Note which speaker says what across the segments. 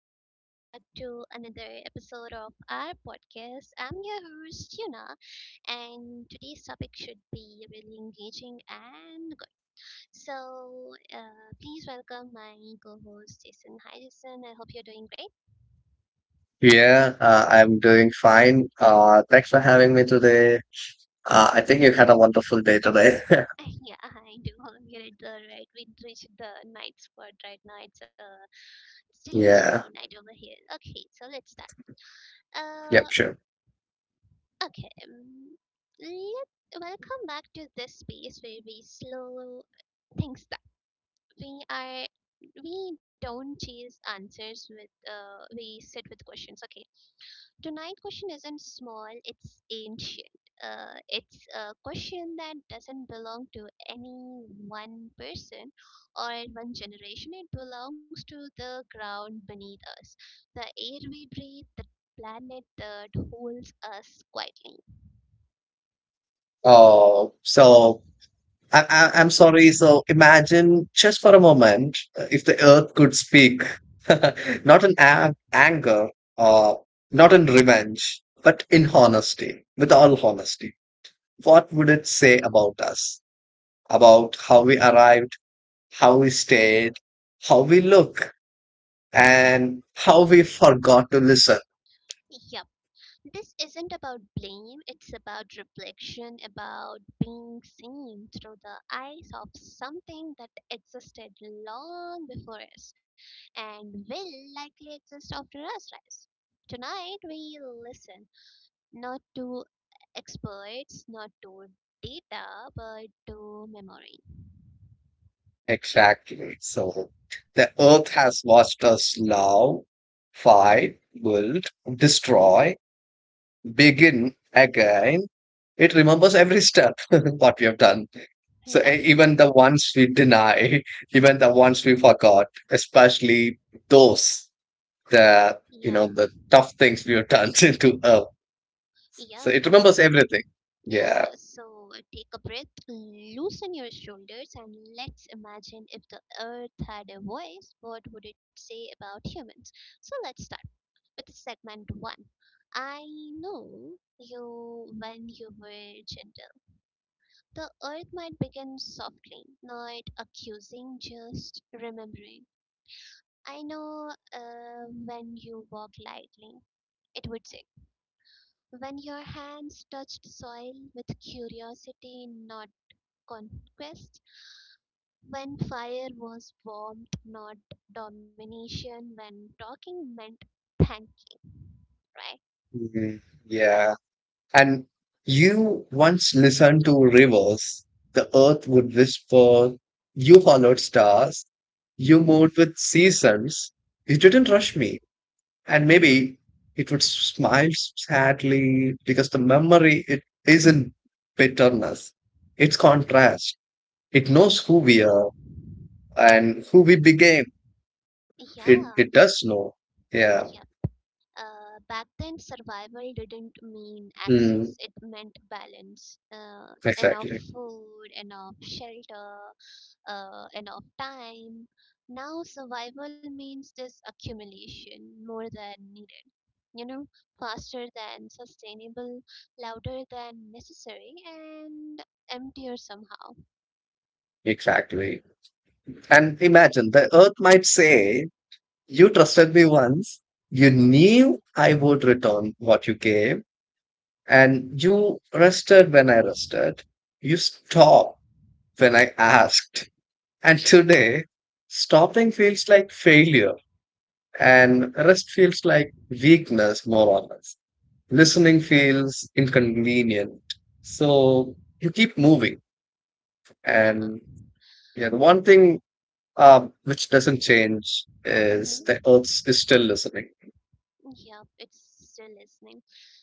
Speaker 1: welcome back to another episode of our podcast. I'm your host, Yuna, and today's topic should be really engaging and good. So, please welcome my co host, Jason. Hi, Jason, I hope you're doing great.
Speaker 2: Yeah, I'm doing fine. Thanks for having me today. I think you had a wonderful day today.
Speaker 1: Yeah, I do. We reached the night spot right now. It's chilly, chilly
Speaker 2: Yeah.
Speaker 1: night over here. Okay, so let's start.
Speaker 2: Yep,
Speaker 1: Uh,
Speaker 2: sure.
Speaker 1: Okay, let welcome back to this space where we slow things down. We are we don't chase answers with we sit with questions. Okay, tonight question isn't small; it's ancient. It's a question that doesn't belong to any one person or one generation. It belongs to the ground beneath us, the air we breathe, the planet that holds us quietly.
Speaker 2: Oh, so I'm sorry. So imagine just for a moment, if the earth could speak, not in anger or not in revenge, but in honesty, with all honesty. What would it say about us? About how we arrived, how we stayed, how we look, and how we forgot to listen.
Speaker 1: Yep. This isn't about blame, it's about reflection, about being seen through the eyes of something that existed long before us and will likely exist after us rise. Tonight we listen not to experts, not to data, but to memory.
Speaker 2: Exactly. So the earth has watched us love, fight, build, destroy, begin again. It remembers every step what we have done. So
Speaker 1: Yeah,
Speaker 2: even the ones we deny, even the ones we forgot, especially those the
Speaker 1: yeah,
Speaker 2: you know the tough things we have done to earth. So
Speaker 1: yep.
Speaker 2: it remembers everything.
Speaker 1: Yeah,
Speaker 2: Yeah.
Speaker 1: so take a breath, loosen your shoulders, and let's imagine if the earth had a voice, what would it say about humans? So let's start with segment one. I know you when you were gentle. The earth might begin softly, not accusing, just remembering. I know when you walked lightly, it would say. When your hands touched soil with curiosity, not conquest, when fire was warmed, not domination, when talking meant thanking, right?
Speaker 2: Mhm. Yeah. And you once listened to rivers. The earth would whisper. You followed stars. You moved with seasons. You didn't rush me. And maybe it would smile sadly, because the memory, it isn't bitterness. It's contrast. It knows who we are and who we became.
Speaker 1: Yeah,
Speaker 2: It does know.
Speaker 1: yeah.
Speaker 2: Yeah.
Speaker 1: Back then, survival didn't mean access,
Speaker 2: Mm,
Speaker 1: it meant balance. Enough
Speaker 2: exactly.
Speaker 1: food, enough shelter, enough time. Now, survival means this accumulation more than needed. you know, Faster than sustainable, louder than necessary, and emptier somehow.
Speaker 2: Exactly. And imagine the earth might say, You trusted me once. You knew I would return what you gave, and you rested when I rested. You stopped when I asked. And today, stopping feels like failure, and rest feels like weakness, more or less. Listening feels inconvenient. So you keep moving.
Speaker 1: Yeah.
Speaker 2: And yeah, the one thing, which doesn't change, is
Speaker 1: Mm-hmm.
Speaker 2: the earth is still listening.
Speaker 1: Yep, it's still listening.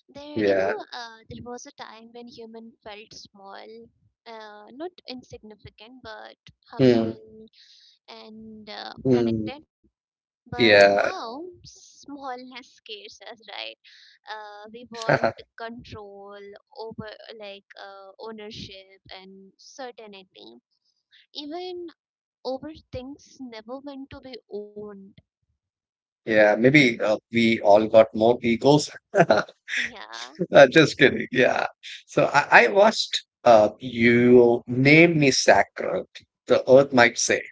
Speaker 1: There, you
Speaker 2: Yeah.
Speaker 1: know, uh, there was a time when human felt small, not insignificant, but
Speaker 2: Hmm.
Speaker 1: humble and
Speaker 2: Mm,
Speaker 1: connected. But
Speaker 2: yeah,
Speaker 1: now, smallness scares us, right? We want control over, like, ownership and certainty even over things never meant to be owned.
Speaker 2: yeah. Maybe we all got more egos.
Speaker 1: Yeah.
Speaker 2: Just kidding. Yeah. So I watched, you name me sacred. The earth might say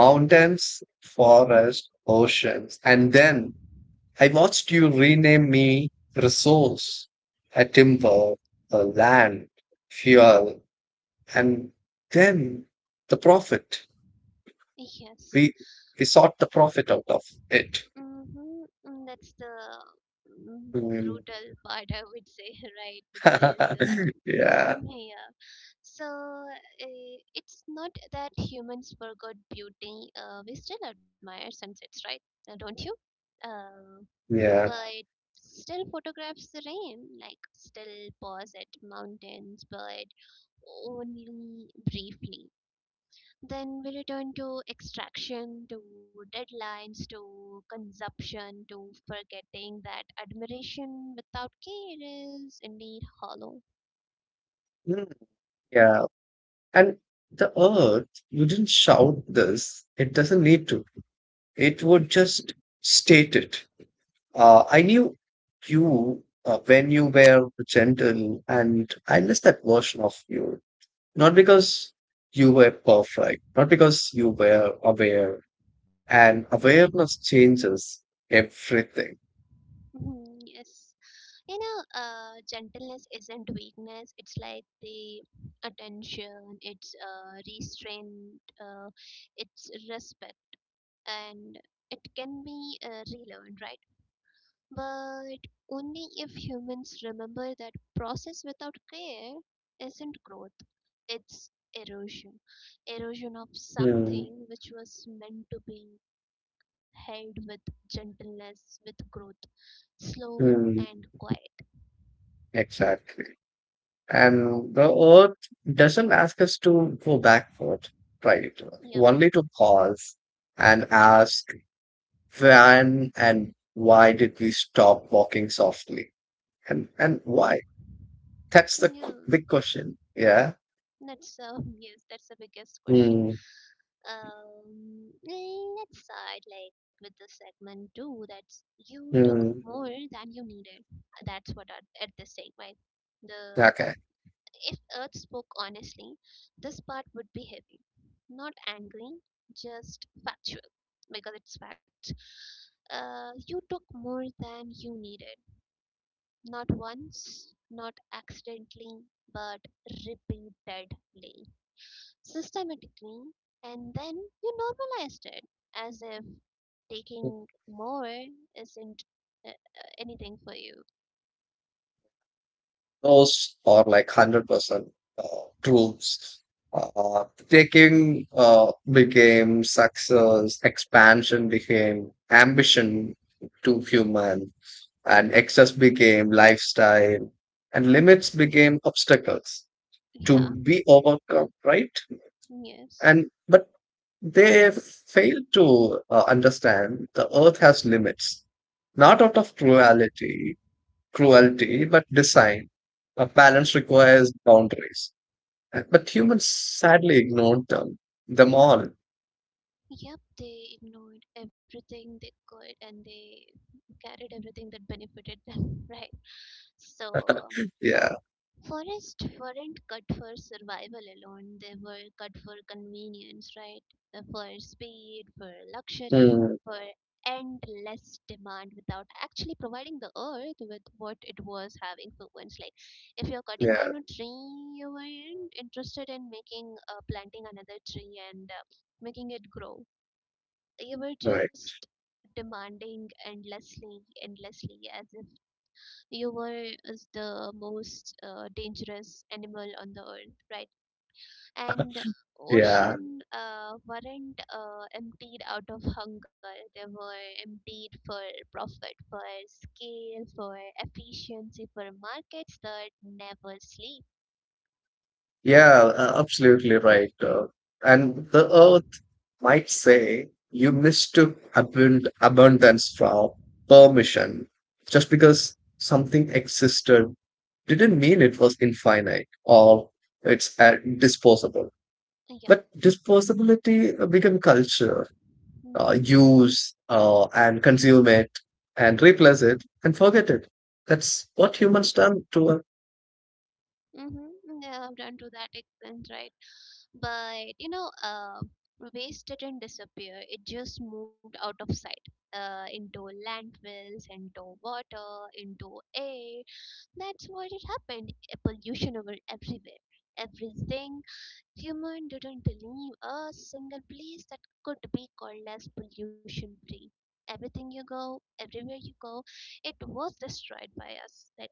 Speaker 1: Mm-hmm.
Speaker 2: forest, oceans, and then I watched you rename me resource, a timber, a land, fuel, and then the profit.
Speaker 1: Yes.
Speaker 2: We we sought the profit out of it.
Speaker 1: Mm-hmm. That's the
Speaker 2: Hmm.
Speaker 1: brutal part I would say, right, because,
Speaker 2: Yeah,
Speaker 1: yeah, so it's not that humans forgot beauty, we still admire sunsets, right? Don't you, uh,
Speaker 2: yeah,
Speaker 1: but still photographs the rain, like still pause at mountains, but only briefly. Then we return to extraction, to deadlines, to consumption, to forgetting that admiration without care is indeed hollow.
Speaker 2: mm, yeah. And the earth wouldn't shout this. It doesn't need to. It would just state it. I knew you, when you were gentle, and I miss that version of you. Not because you were perfect, not because you were aware. And awareness changes everything.
Speaker 1: Mhm, yes. Gentleness isn't weakness, it's like the attention, it's restraint, it's respect and it can be relearned, right? But only if humans remember that process without care isn't growth, it's erosion. Erosion of
Speaker 2: Mm,
Speaker 1: something which was meant to be held with gentleness, with growth, slow
Speaker 2: mm,
Speaker 1: and quiet.
Speaker 2: exactly. And the earth doesn't ask us to go backward, right?
Speaker 1: Yep.
Speaker 2: Only to pause and ask, when and why did we stop walking softly? And why? That's the
Speaker 1: Yeah.
Speaker 2: big question. Yeah.
Speaker 1: That's Yes, that's the biggest question.
Speaker 2: Mm,
Speaker 1: Let's start like with the segment two. That's you took
Speaker 2: mm,
Speaker 1: more than you needed. That's what at this segment. The
Speaker 2: okay.
Speaker 1: if Earth spoke honestly, this part would be heavy, not angry, just factual because it's fact. You took more than you needed, not once, not accidentally, but repeatedly, systematically, and then you normalized it as if taking more isn't anything for you.
Speaker 2: Those are like 100% uh, truths. Taking, became success, expansion became ambition to human, and excess became lifestyle, and limits became obstacles to
Speaker 1: Yeah,
Speaker 2: be overcome, right?
Speaker 1: yes.
Speaker 2: And but they fail to understand the earth has limits, not out of cruelty but design. A balance requires boundaries. But humans sadly ignored them all.
Speaker 1: Yep, they ignored everything they could and they carried everything that benefited them, right? So,
Speaker 2: Yeah.
Speaker 1: forests weren't cut for survival alone, they were cut for convenience, right? For speed, for luxury,
Speaker 2: Mm,
Speaker 1: for endless demand without actually providing the earth with what it was having for once. Like, if you're cutting
Speaker 2: yeah,
Speaker 1: down a tree, you weren't interested in making, planting another tree and making it grow. You were
Speaker 2: right,
Speaker 1: just demanding endlessly, endlessly, as if you were is the most dangerous animal on the earth, right? And
Speaker 2: yeah,
Speaker 1: ocean weren't emptied out of hunger, they were emptied for profit, for scale, for efficiency, for markets that never sleep.
Speaker 2: yeah, absolutely right, and the earth might say, you mistook abundance for permission. Just because something existed didn't mean it was infinite or it's disposable.
Speaker 1: Yeah.
Speaker 2: But disposability become culture.
Speaker 1: Mm-hmm.
Speaker 2: Use, and consume it, and replace it, and forget it. That's what humans done to us.
Speaker 1: Mm-hmm. Mm-hmm. Yeah, I've done to that extent, right? But waste didn't disappear. It just moved out of sight. Into landfills, into water, into air. That's what it happened. A pollution over everywhere. Everything. Human didn't leave a single place that could be called as pollution free. Everything you go, everywhere you go, it was destroyed by us. Like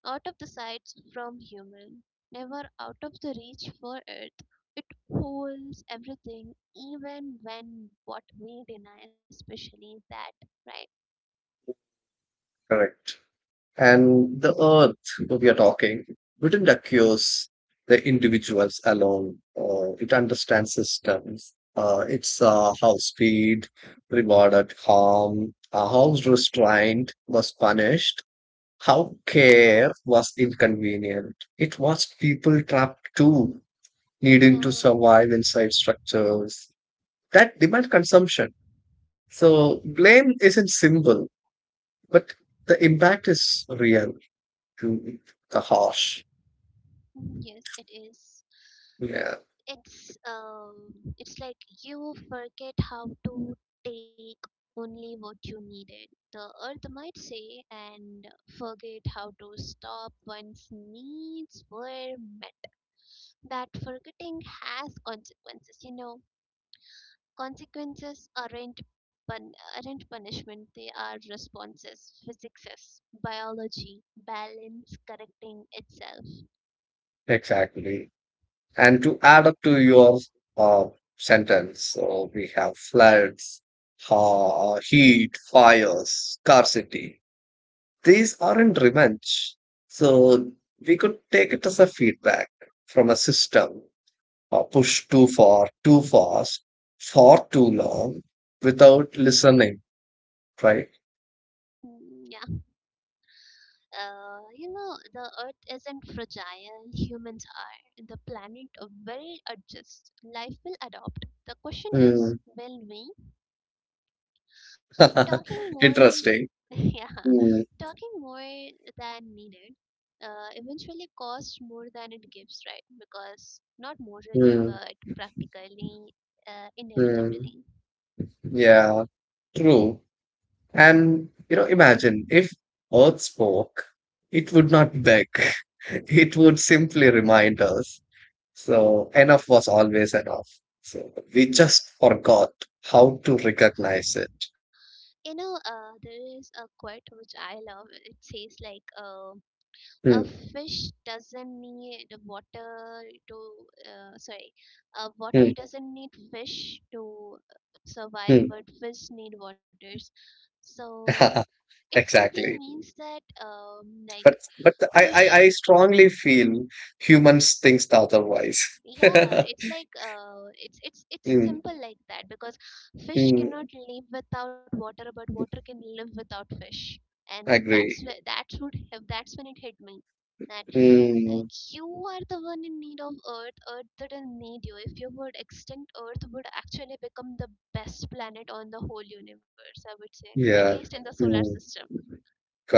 Speaker 1: out of the sights from human, never out of the reach for earth. It holds everything, even when what we deny, especially that, right?
Speaker 2: Correct. And the earth we are talking wouldn't accuse the individuals alone. It understands systems. It's, how speed rewarded harm, how restraint was punished, how care was inconvenient. It was people trapped too, needing to
Speaker 1: Um,
Speaker 2: survive inside structures that demand consumption. So blame isn't simple, but the impact is real to the harsh.
Speaker 1: yes, it is.
Speaker 2: Yeah,
Speaker 1: it's um it's like you forget how to take only what you needed, the earth might say, and forget how to stop once needs were met. That forgetting has consequences, consequences aren't aren't punishment, they are responses, physics, biology, balance correcting itself.
Speaker 2: exactly. And to add up to your uh, sentence, so we have floods, heat, fires, scarcity. These aren't revenge. So we could take it as a feedback from a system, or push too far, too fast, for too long without listening, right?
Speaker 1: Hmm, yeah. The earth isn't fragile, humans are. The planet will adjust, life will adopt. The question is,
Speaker 2: Mm.
Speaker 1: will we? Talking more.
Speaker 2: Interesting.
Speaker 1: Yeah,
Speaker 2: Mm,
Speaker 1: talking more than needed eventually costs more than it gives, right? Because not morally,
Speaker 2: mm,
Speaker 1: but practically,
Speaker 2: mm.
Speaker 1: inevitably.
Speaker 2: Yeah. True. And, imagine if Earth spoke, it would not beg. It would simply remind us. So enough was always enough. So we just forgot how to recognize it.
Speaker 1: You know, there is a quote which I love. It says, like, a
Speaker 2: Hmm,
Speaker 1: fish doesn't need water to, sorry, water
Speaker 2: hmm,
Speaker 1: doesn't need fish to survive, but fish need waters. So
Speaker 2: hmm.
Speaker 1: it simply
Speaker 2: Exactly.
Speaker 1: means that, like,
Speaker 2: But I
Speaker 1: fish.
Speaker 2: strongly feel humans think otherwise.
Speaker 1: Yeah, it's like it's
Speaker 2: Hmm,
Speaker 1: simple like that because fish
Speaker 2: hmm.
Speaker 1: cannot live without water but water can live without fish. And that's
Speaker 2: Agree.
Speaker 1: where that would have, that's when it hit me, that
Speaker 2: Hmm.
Speaker 1: you are the one in need of earth. Earth didn't need you. If you would extinct, earth would actually become the best planet on the whole universe, I would say, at
Speaker 2: Yeah.
Speaker 1: least in the solar
Speaker 2: Hmm.
Speaker 1: system.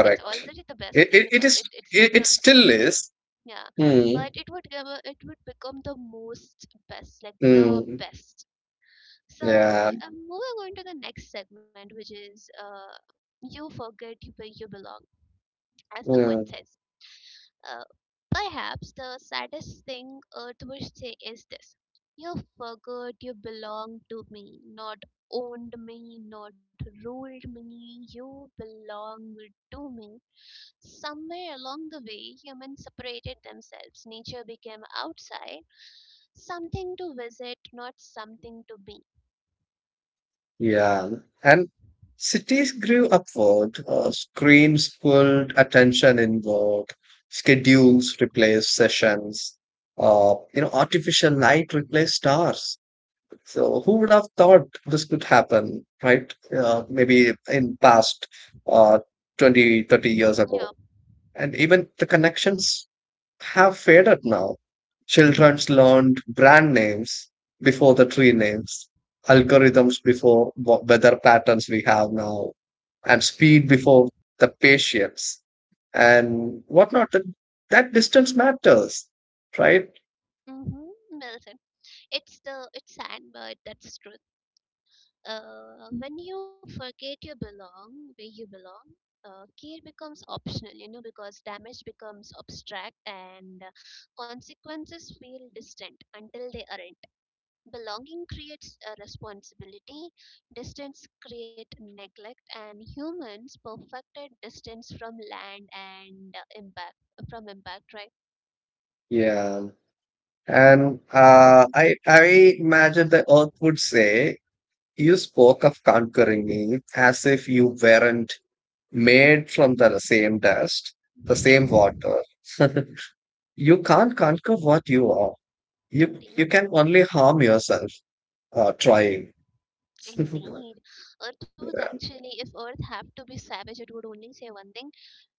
Speaker 1: It's already the best
Speaker 2: It
Speaker 1: thing
Speaker 2: it, it
Speaker 1: because
Speaker 2: is
Speaker 1: it, it's
Speaker 2: it,
Speaker 1: the
Speaker 2: it
Speaker 1: it's
Speaker 2: still
Speaker 1: the best.
Speaker 2: is.
Speaker 1: Yeah,
Speaker 2: Mm,
Speaker 1: but it would give a, it would become the most best like the
Speaker 2: mm.
Speaker 1: best. So,
Speaker 2: Yeah.
Speaker 1: moving on to the next segment, which is you forget where you belong, as the quote
Speaker 2: Mm.
Speaker 1: says. uh, Perhaps the saddest thing Earth would say is this. You forgot you belong to me, not owned me, not ruled me, you belong to me. Somewhere along the way, humans separated themselves. Nature became outside, something to visit, not something to be.
Speaker 2: Yeah. And cities grew upward, screens pulled attention inward, schedules replaced sessions, artificial light replaced stars. So who would have thought this could happen, right? Maybe in past uh, 20, 30 years
Speaker 1: Mm, yeah.
Speaker 2: ago. And even the connections have faded now. Children's learned brand names before the tree names, algorithms before weather patterns we have now, and speed before the patience and whatnot. That distance matters, right?
Speaker 1: Mm-hmm. Well said. It's sad, but that's true. When you forget you belong where you belong, care becomes optional, you know, because damage becomes abstract and consequences feel distant until they aren't. Belonging creates a responsibility, distance creates neglect, and humans perfected distance from land and impact from impact, right?
Speaker 2: Yeah. And I imagine the earth would say, You spoke of conquering me as if you weren't made from the same dust, the same
Speaker 1: Yes.
Speaker 2: water. You can't conquer what you are. You
Speaker 1: Indeed,
Speaker 2: can only harm yourself trying.
Speaker 1: indeed. Earth would actually, if Earth had to be savage, it would only say one thing: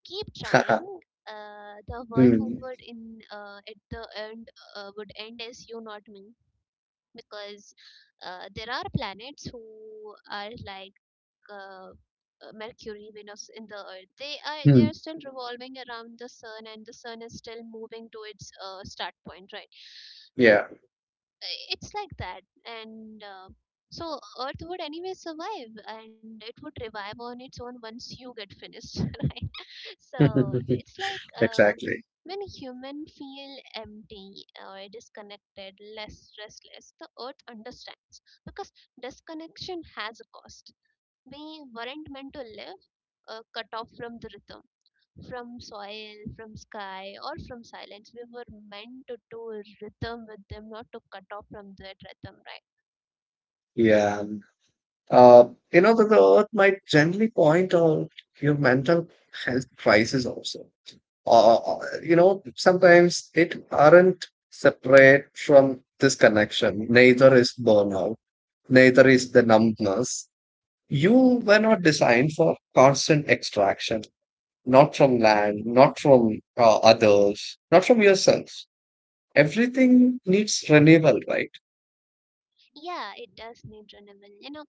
Speaker 1: keep trying. The one who
Speaker 2: Mm,
Speaker 1: would in, at the end, would end is you, not me. Because there are planets who are like, uh, Mercury, Venus, in the earth, they are
Speaker 2: mm,
Speaker 1: still revolving around the sun and the sun is still moving to its start point, right? uh,
Speaker 2: yeah,
Speaker 1: it's like that and, so earth would anyway survive and it would revive on its own once you get finished. Right? So it's like,
Speaker 2: exactly.
Speaker 1: when human feel empty or disconnected, less restless, the earth understands because disconnection has a cost. We weren't meant to live cut off from the rhythm, from soil, from sky, or from silence. We were meant to do rhythm with them, not to cut off from that rhythm, right?
Speaker 2: Yeah. Uh, you know that the earth might gently point out your mental health crisis also. Sometimes it aren't separate from this connection. Neither is burnout. Neither is the numbness. You were not designed for constant extraction, not from land, not from others, not from yourself. Everything needs renewal, right?
Speaker 1: Yeah, it does need renewal.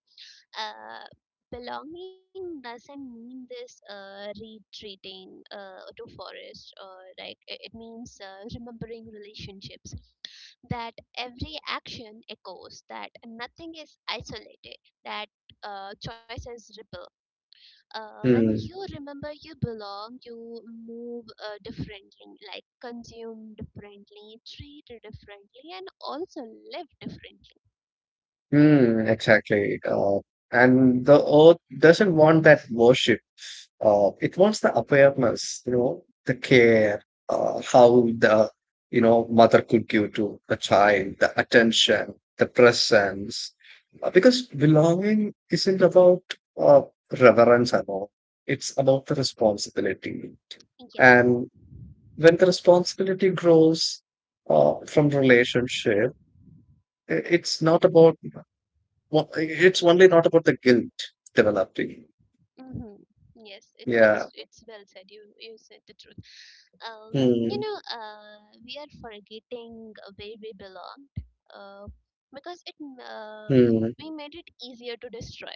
Speaker 1: uh, Belonging doesn't mean this retreating to forest, or like it means remembering relationships, that every action echoes, that nothing is isolated, that choices ripple. When
Speaker 2: Hmm.
Speaker 1: you remember you belong, you move differently, like consume differently, treat differently, and also live differently.
Speaker 2: Hmm. Exactly. And the earth doesn't want that worship. It was the awareness, the care, how the mother could give to the child, the attention, the presence. Because belonging isn't about, uh, reverence and all; it's about the responsibility.
Speaker 1: Yes.
Speaker 2: And when the responsibility grows from relationship, i- it's not about it's only not about the guilt developing.
Speaker 1: Mm-hmm. Yes, it, it's
Speaker 2: Yeah.
Speaker 1: it's well said. You said the truth. Um, you
Speaker 2: Hmm.
Speaker 1: know, we are forgetting where we belonged, uh, because
Speaker 2: Hmm.
Speaker 1: we made it easier to destroy.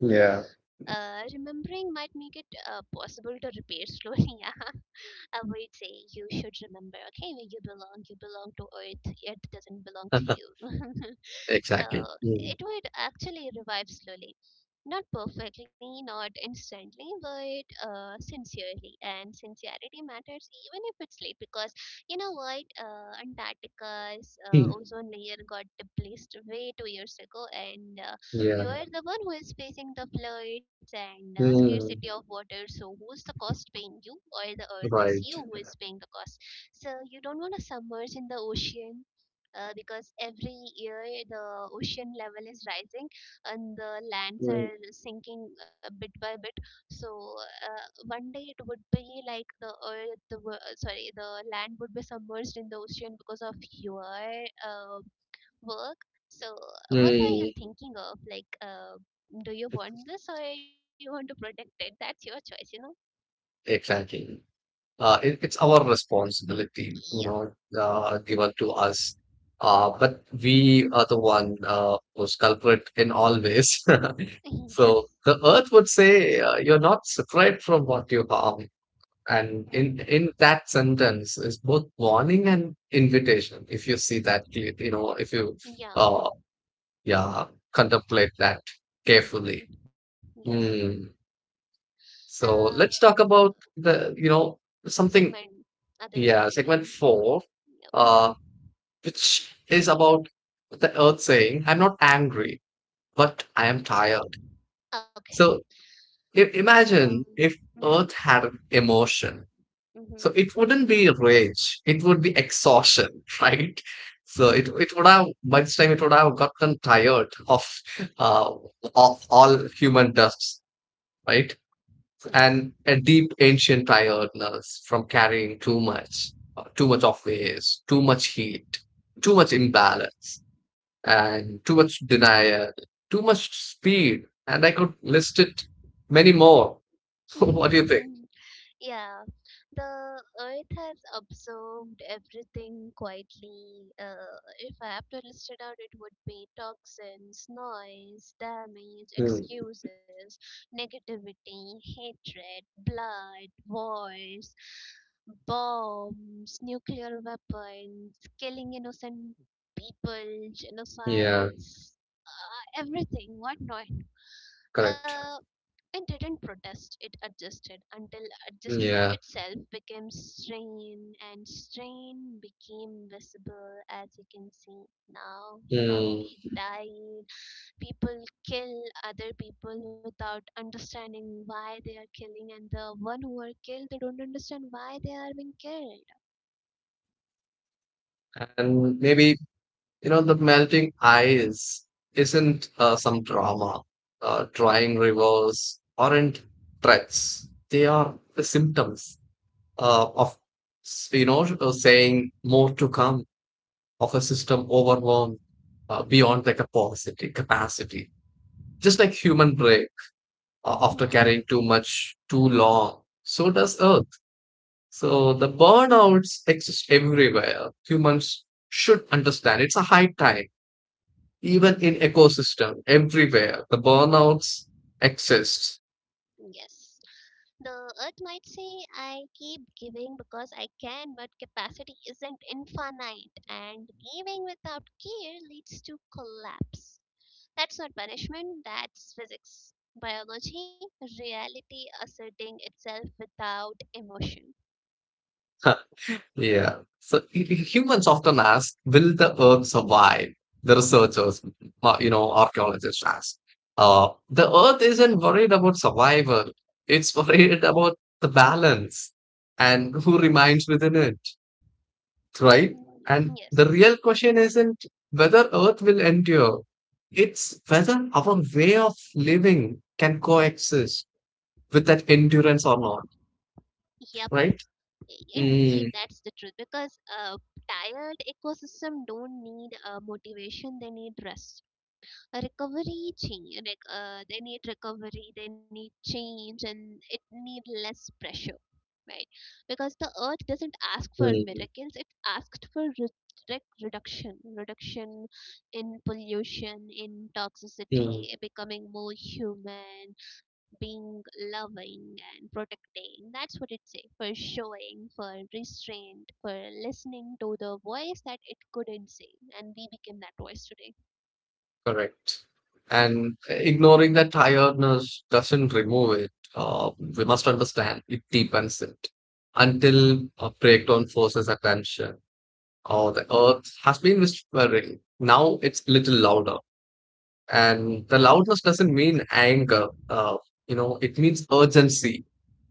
Speaker 2: Yeah.
Speaker 1: Remembering might make it possible to repair slowly. I would say you should remember, okay, where you belong. You belong to earth, earth doesn't belong to you. So
Speaker 2: Exactly. Mm.
Speaker 1: it would actually revive slowly, not perfectly, not instantly, but sincerely. And sincerity matters even if it's late, because you know what, Antarctica's
Speaker 2: Mm.
Speaker 1: ozone layer got replaced way 2 years ago and
Speaker 2: Yeah.
Speaker 1: you're the one who is facing the floods and scarcity of
Speaker 2: Mm.
Speaker 1: water. So, who's the cost paying, you or the earth? It's
Speaker 2: Right.
Speaker 1: you who is paying the cost. So, you don't want to submerge in the ocean. Because every year the ocean level is rising and the lands
Speaker 2: Mm.
Speaker 1: are sinking bit by bit, so uh, one day it would be like the earth the wo- sorry the land would be submerged in the ocean because of your uh, work. So, what are you
Speaker 2: Mm.
Speaker 1: thinking of? Like, do you want this or you want to protect it? That's your choice, you know?
Speaker 2: Exactly. It's our responsibility, given to us. But we are the one, who's culprit in all ways.
Speaker 1: Yeah.
Speaker 2: So
Speaker 1: Yes.
Speaker 2: the earth would say, you're not separate from what you harm. And
Speaker 1: Mm-hmm.
Speaker 2: in that sentence is both warning and invitation. If you see that, if you,
Speaker 1: Yeah,
Speaker 2: uh, yeah, contemplate that carefully.
Speaker 1: indeed. Yes.
Speaker 2: Hmm.
Speaker 1: Uh,
Speaker 2: So let's talk about something,
Speaker 1: segment, Other
Speaker 2: yeah, segment
Speaker 1: segment.
Speaker 2: four,
Speaker 1: Yep.
Speaker 2: uh, which is about the earth saying, I'm not angry, but I am tired.
Speaker 1: Okay.
Speaker 2: So imagine
Speaker 1: Um.
Speaker 2: if
Speaker 1: Mm-hmm.
Speaker 2: earth had an emotion. So
Speaker 1: Mm-hmm.
Speaker 2: it wouldn't be rage, it would be exhaustion, right? So it would have, by this time, it would have gotten tired uh, of all human dust, right?
Speaker 1: Yes.
Speaker 2: And a deep ancient tiredness from carrying too much of waste, too much heat, too much imbalance, and too much denial, too much speed. And I could list it many more. What do you think?
Speaker 1: Yeah, the earth has absorbed everything quietly. If I have to list it out, it would be toxins, noise, damage,
Speaker 2: Hmm.
Speaker 1: excuses, negativity, hatred, blood, wars, bombs, nuclear weapons, killing innocent people,
Speaker 2: Yeah,
Speaker 1: genocides, everything, What Yeah. Uh,
Speaker 2: correct.
Speaker 1: it didn't protest, it adjusted until adjustment
Speaker 2: Yeah.
Speaker 1: itself became strain, and strain became visible as you can see now.
Speaker 2: Hmm.
Speaker 1: Humanity died, people kill other people without understanding why they are killing, and the one who are killed, they don't understand why they are being killed.
Speaker 2: And maybe, the melting ice isn't, some drama, drying rivers aren't threats. They are the symptoms of, saying more to come, of a system overwhelmed beyond the capacity. Just like human break,
Speaker 1: Yeah,
Speaker 2: after carrying too much too long, so does Earth. So the burnouts exist everywhere. Humans should understand. It's a high time. Even in ecosystem, everywhere the burnouts exists.
Speaker 1: yes. The earth might say, I keep giving because I can, but capacity isn't infinite, and giving without care leads to collapse. That's not punishment, that's physics. Biology, reality asserting itself without emotion.
Speaker 2: Yeah, so humans often ask, will the earth survive? The researchers, archaeologists ask, the earth isn't worried about survival. It's worried about the balance and who remains within it, right?
Speaker 1: Mm,
Speaker 2: And the
Speaker 1: yes.
Speaker 2: real question isn't whether earth will endure. It's whether our way of living can coexist with that endurance or not,
Speaker 1: Yep,
Speaker 2: right?
Speaker 1: indeed,
Speaker 2: Mm,
Speaker 1: that's the truth because a tired ecosystem don't need motivation, they need rest, a recovery change, like, they need recovery, they need change, and it need less pressure, right? Because the earth doesn't ask for
Speaker 2: mm,
Speaker 1: miracles, it asked for reduction reduction in pollution, in
Speaker 2: mm,
Speaker 1: toxicity, becoming more human being, loving and protecting. That's what it say, for showing, for restraint, for listening to the voice that it couldn't say, and we became that voice today.
Speaker 2: correct. And ignoring that tiredness doesn't remove it. We must understand it deepens it until a breakdown forces attention. Or the earth has been whispering. Now it's little louder. And the loudness doesn't mean anger. It means urgency.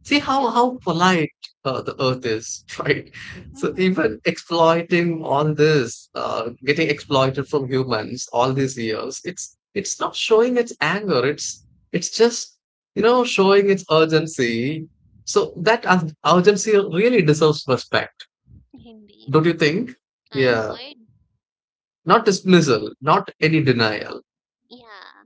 Speaker 2: See
Speaker 1: Yeah.
Speaker 2: how polite the earth is, right? So,
Speaker 1: Hmm.
Speaker 2: even exploiting all this, getting exploited from humans all these years, it's not showing its anger. It's just showing its urgency. So that urgency really deserves respect,
Speaker 1: Hindi.
Speaker 2: don't you think?
Speaker 1: I
Speaker 2: Yeah,
Speaker 1: would.
Speaker 2: not dismissal, not any denial.
Speaker 1: Yeah.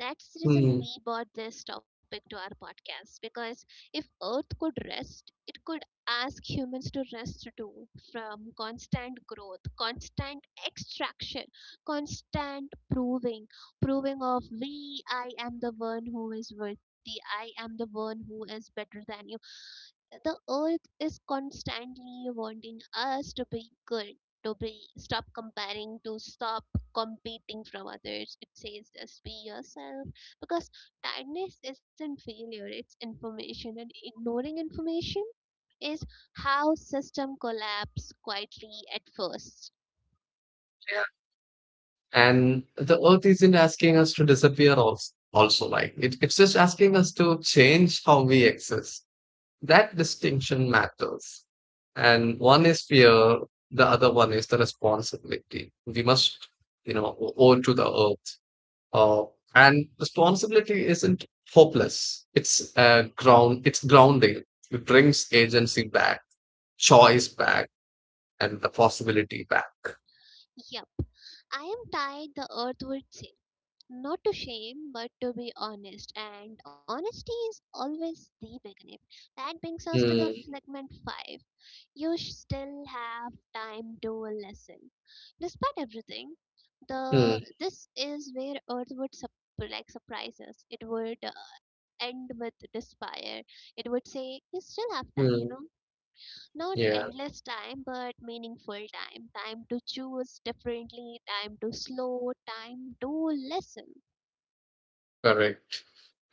Speaker 1: That's the reason
Speaker 2: Hmm.
Speaker 1: we bought this topic to our podcast, because if Earth could rest, it could ask humans to rest too, from constant growth, constant extraction, constant proving, proving of we, I am the one who is worthy, I am the one who is better than you. The earth is constantly wanting us to be good, to be stop comparing, to stop competing from others. It says just be yourself, because tiredness isn't failure, it's information, and ignoring information is how system collapse quietly at first.
Speaker 2: And the earth isn't asking us to disappear also, like it's just asking us to change how we exist. That distinction matters, and one is fear, the other one is the responsibility we must you know owe to the earth. uh, and responsibility isn't hopeless. It's grounding. It brings agency back, choice back, and the possibility back.
Speaker 1: Yup, I am tired, the earth would say. Not to shame, but to be honest. And honesty is always the beginning. That brings us to the
Speaker 2: Mm,
Speaker 1: segment 5. You sh- still have time to listen. Despite everything,
Speaker 2: mm,
Speaker 1: the this is where Earth would like surprise us. It would end with despair. It would say, You still have time, you know,
Speaker 2: mm.
Speaker 1: not
Speaker 2: Yeah,
Speaker 1: endless time, but meaningful time. Time to choose differently, time to slow, time to listen.
Speaker 2: correct.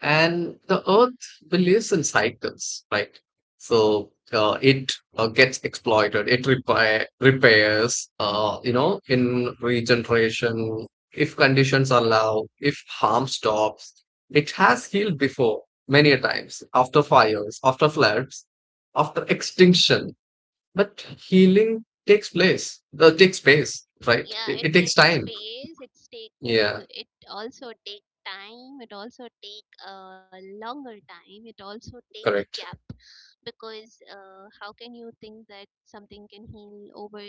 Speaker 2: And the earth believes in cycles, right? So it gets exploited, it repairs, in regeneration, if conditions allow, if harm stops. It has healed before many a times, after fires, after floods, after extinction. But healing takes place, takes space, right?
Speaker 1: Yeah,
Speaker 2: It,
Speaker 1: it
Speaker 2: it takes
Speaker 1: takes
Speaker 2: time.
Speaker 1: space, it's take,
Speaker 2: Yeah,
Speaker 1: it also take time, it also take a, longer time, it also take the
Speaker 2: correct.
Speaker 1: gap, because how can you think that something can heal over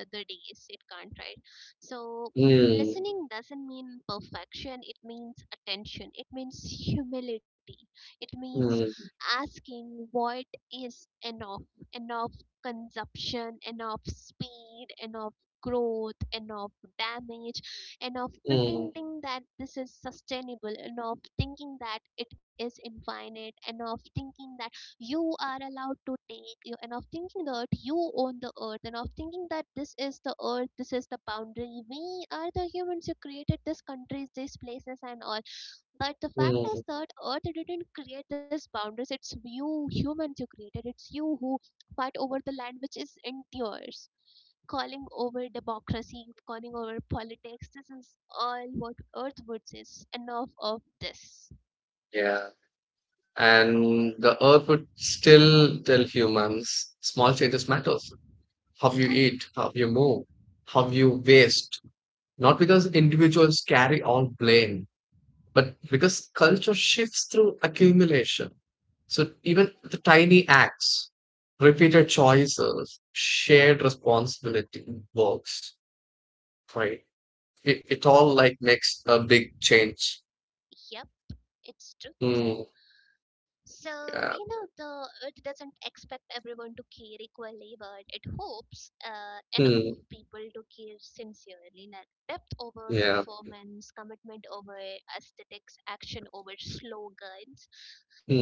Speaker 1: the days? It can't, right? So
Speaker 2: Mm,
Speaker 1: listening doesn't mean perfection, it means attention, it means humility, it means
Speaker 2: mm,
Speaker 1: asking what is enough. Enough consumption, enough speed, enough growth, enough damage, enough
Speaker 2: mm,
Speaker 1: pretending that this is sustainable, enough thinking that it is infinite, enough thinking that you are allowed to take, you, enough thinking that you own the earth, enough thinking that this is the earth, this is the boundary. We are the humans who created these countries, these places, and all. But the fact
Speaker 2: mm.
Speaker 1: is that Earth didn't create these boundaries. It's you humans who created. It's you who fight over the land which is in yours, calling over democracy, calling over politics. This is all what Earth would says. Enough of this.
Speaker 2: Yeah. And the earth would still tell humans, small changes matters, how you
Speaker 1: Yeah,
Speaker 2: eat, how you move, how you waste, not because individuals carry all blame, but because culture shifts through accumulation. So even the tiny acts, repeated choices, shared responsibility works, right? It all like makes a big change.
Speaker 1: yep, it's true.
Speaker 2: Hmm,
Speaker 1: So, you
Speaker 2: yeah.
Speaker 1: know, the it doesn't expect everyone to care equally, but it hopes enough
Speaker 2: Hmm,
Speaker 1: people to care sincerely. Like depth over
Speaker 2: yeah.
Speaker 1: performance, commitment over aesthetics, action over slogans.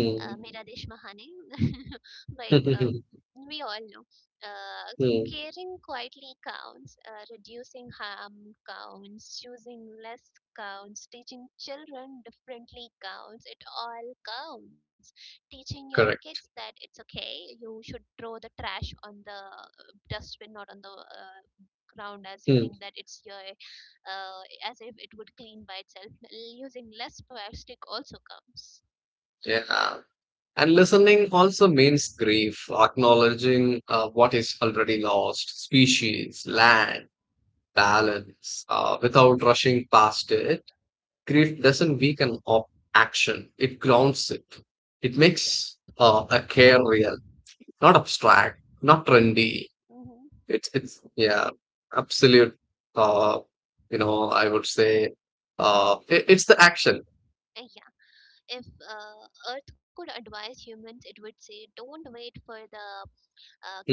Speaker 1: Mera Desh Mahane. but
Speaker 2: Hmm. Hmm,
Speaker 1: We all know. Uh,
Speaker 2: hmm.
Speaker 1: Caring quietly counts, reducing harm counts, choosing less counts, teaching children differently counts. It all counts, teaching your kids
Speaker 2: Correct.
Speaker 1: that it's okay, you should throw the trash on the, dustbin, not on the, ground, as you
Speaker 2: Hmm.
Speaker 1: think that it's your, as if it would clean by itself. Using less plastic also comes.
Speaker 2: Yeah. And listening also means grief, acknowledging, what is already lost, species, land, balance, without rushing past it. Grief doesn't weaken action, it grounds it. It
Speaker 1: Yeah.
Speaker 2: makes a care real, not abstract, not
Speaker 1: Mm-hmm.
Speaker 2: trendy.
Speaker 1: Mm-hmm.
Speaker 2: It's yeah, absolute, uh, I would say, it's the action.
Speaker 1: Yeah, if uh, earth could advise humans, it would say don't wait for the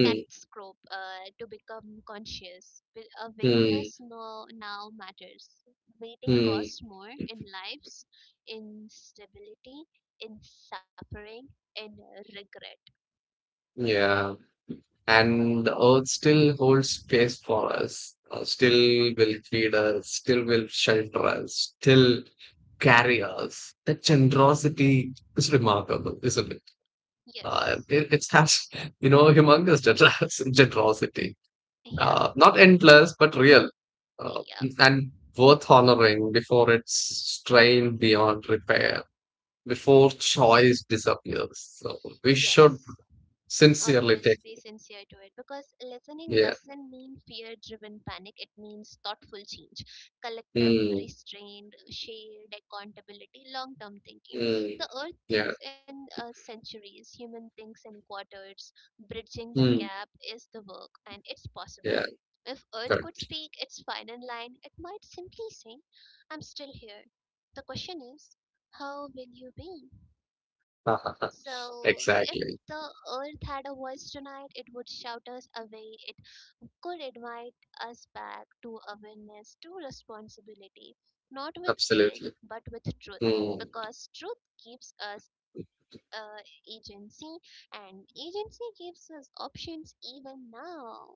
Speaker 1: cat's catastrophe to become conscious. But
Speaker 2: hmm,
Speaker 1: awareness, no, now matters. Waiting
Speaker 2: hmm,
Speaker 1: costs more in lives, in stability, in suffering, in regret.
Speaker 2: yeah. And the earth still holds space for us, still will feed us, still will shelter us, still carry us. That generosity is remarkable, isn't it?
Speaker 1: Yes.
Speaker 2: It it's has, humongous generosity.
Speaker 1: Yeah.
Speaker 2: Not endless, but real, uh,
Speaker 1: Yeah.
Speaker 2: and worth honoring before it's strained beyond repair, before choice disappears. So we should
Speaker 1: Yes.
Speaker 2: sincerely
Speaker 1: Always
Speaker 2: take,
Speaker 1: be sincere to it, because listening
Speaker 2: yeah.
Speaker 1: doesn't mean fear driven panic, it means thoughtful change, collective
Speaker 2: Mm,
Speaker 1: restraint, shared accountability, long term thinking.
Speaker 2: mm.
Speaker 1: The earth
Speaker 2: Yeah.
Speaker 1: thinks in centuries, human thinks in quarters. Bridging that
Speaker 2: Mm.
Speaker 1: gap is the work, and it's
Speaker 2: Yeah.
Speaker 1: possible. If earth
Speaker 2: Correct.
Speaker 1: could speak its final line, it might simply say, I'm still here. The question is, how will you be?
Speaker 2: Ha, ha, ha.
Speaker 1: So, if
Speaker 2: Exactly.
Speaker 1: the earth had a voice tonight, it would shout us away. It could invite us back to awareness, to responsibility, not with guilt,
Speaker 2: Absolutely.
Speaker 1: but with truth,
Speaker 2: Mm.
Speaker 1: because truth gives us uh, agency, and agency gives us options even now.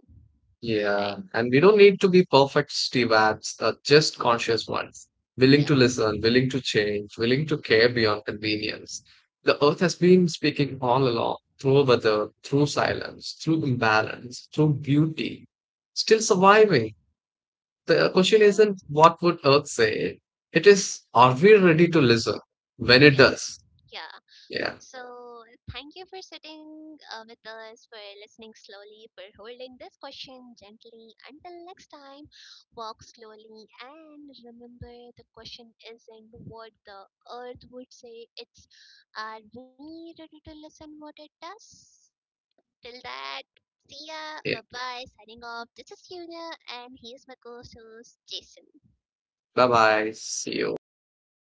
Speaker 1: Right?
Speaker 2: Yeah. And we don't need to be perfect Steve Abs, just conscious ones, willing
Speaker 1: Yep.
Speaker 2: to listen, willing to change, willing to care beyond convenience. The earth has been speaking all along, through weather, through silence, through imbalance, through beauty, still surviving. The question
Speaker 1: Yeah.
Speaker 2: isn't, what would earth say? It is, are we ready to listen when it
Speaker 1: Yeah.
Speaker 2: does?
Speaker 1: Yeah.
Speaker 2: Yeah.
Speaker 1: So thank you for sitting with us, for listening slowly, for holding this question gently. Until next time, walk slowly and remember, the question isn't what the earth would say, it's are we ready to listen what it does? Till that, see ya.
Speaker 2: Yeah.
Speaker 1: Bye bye. Signing off. This is Yuna, and here's my co host, Jason.
Speaker 2: Bye bye. See you.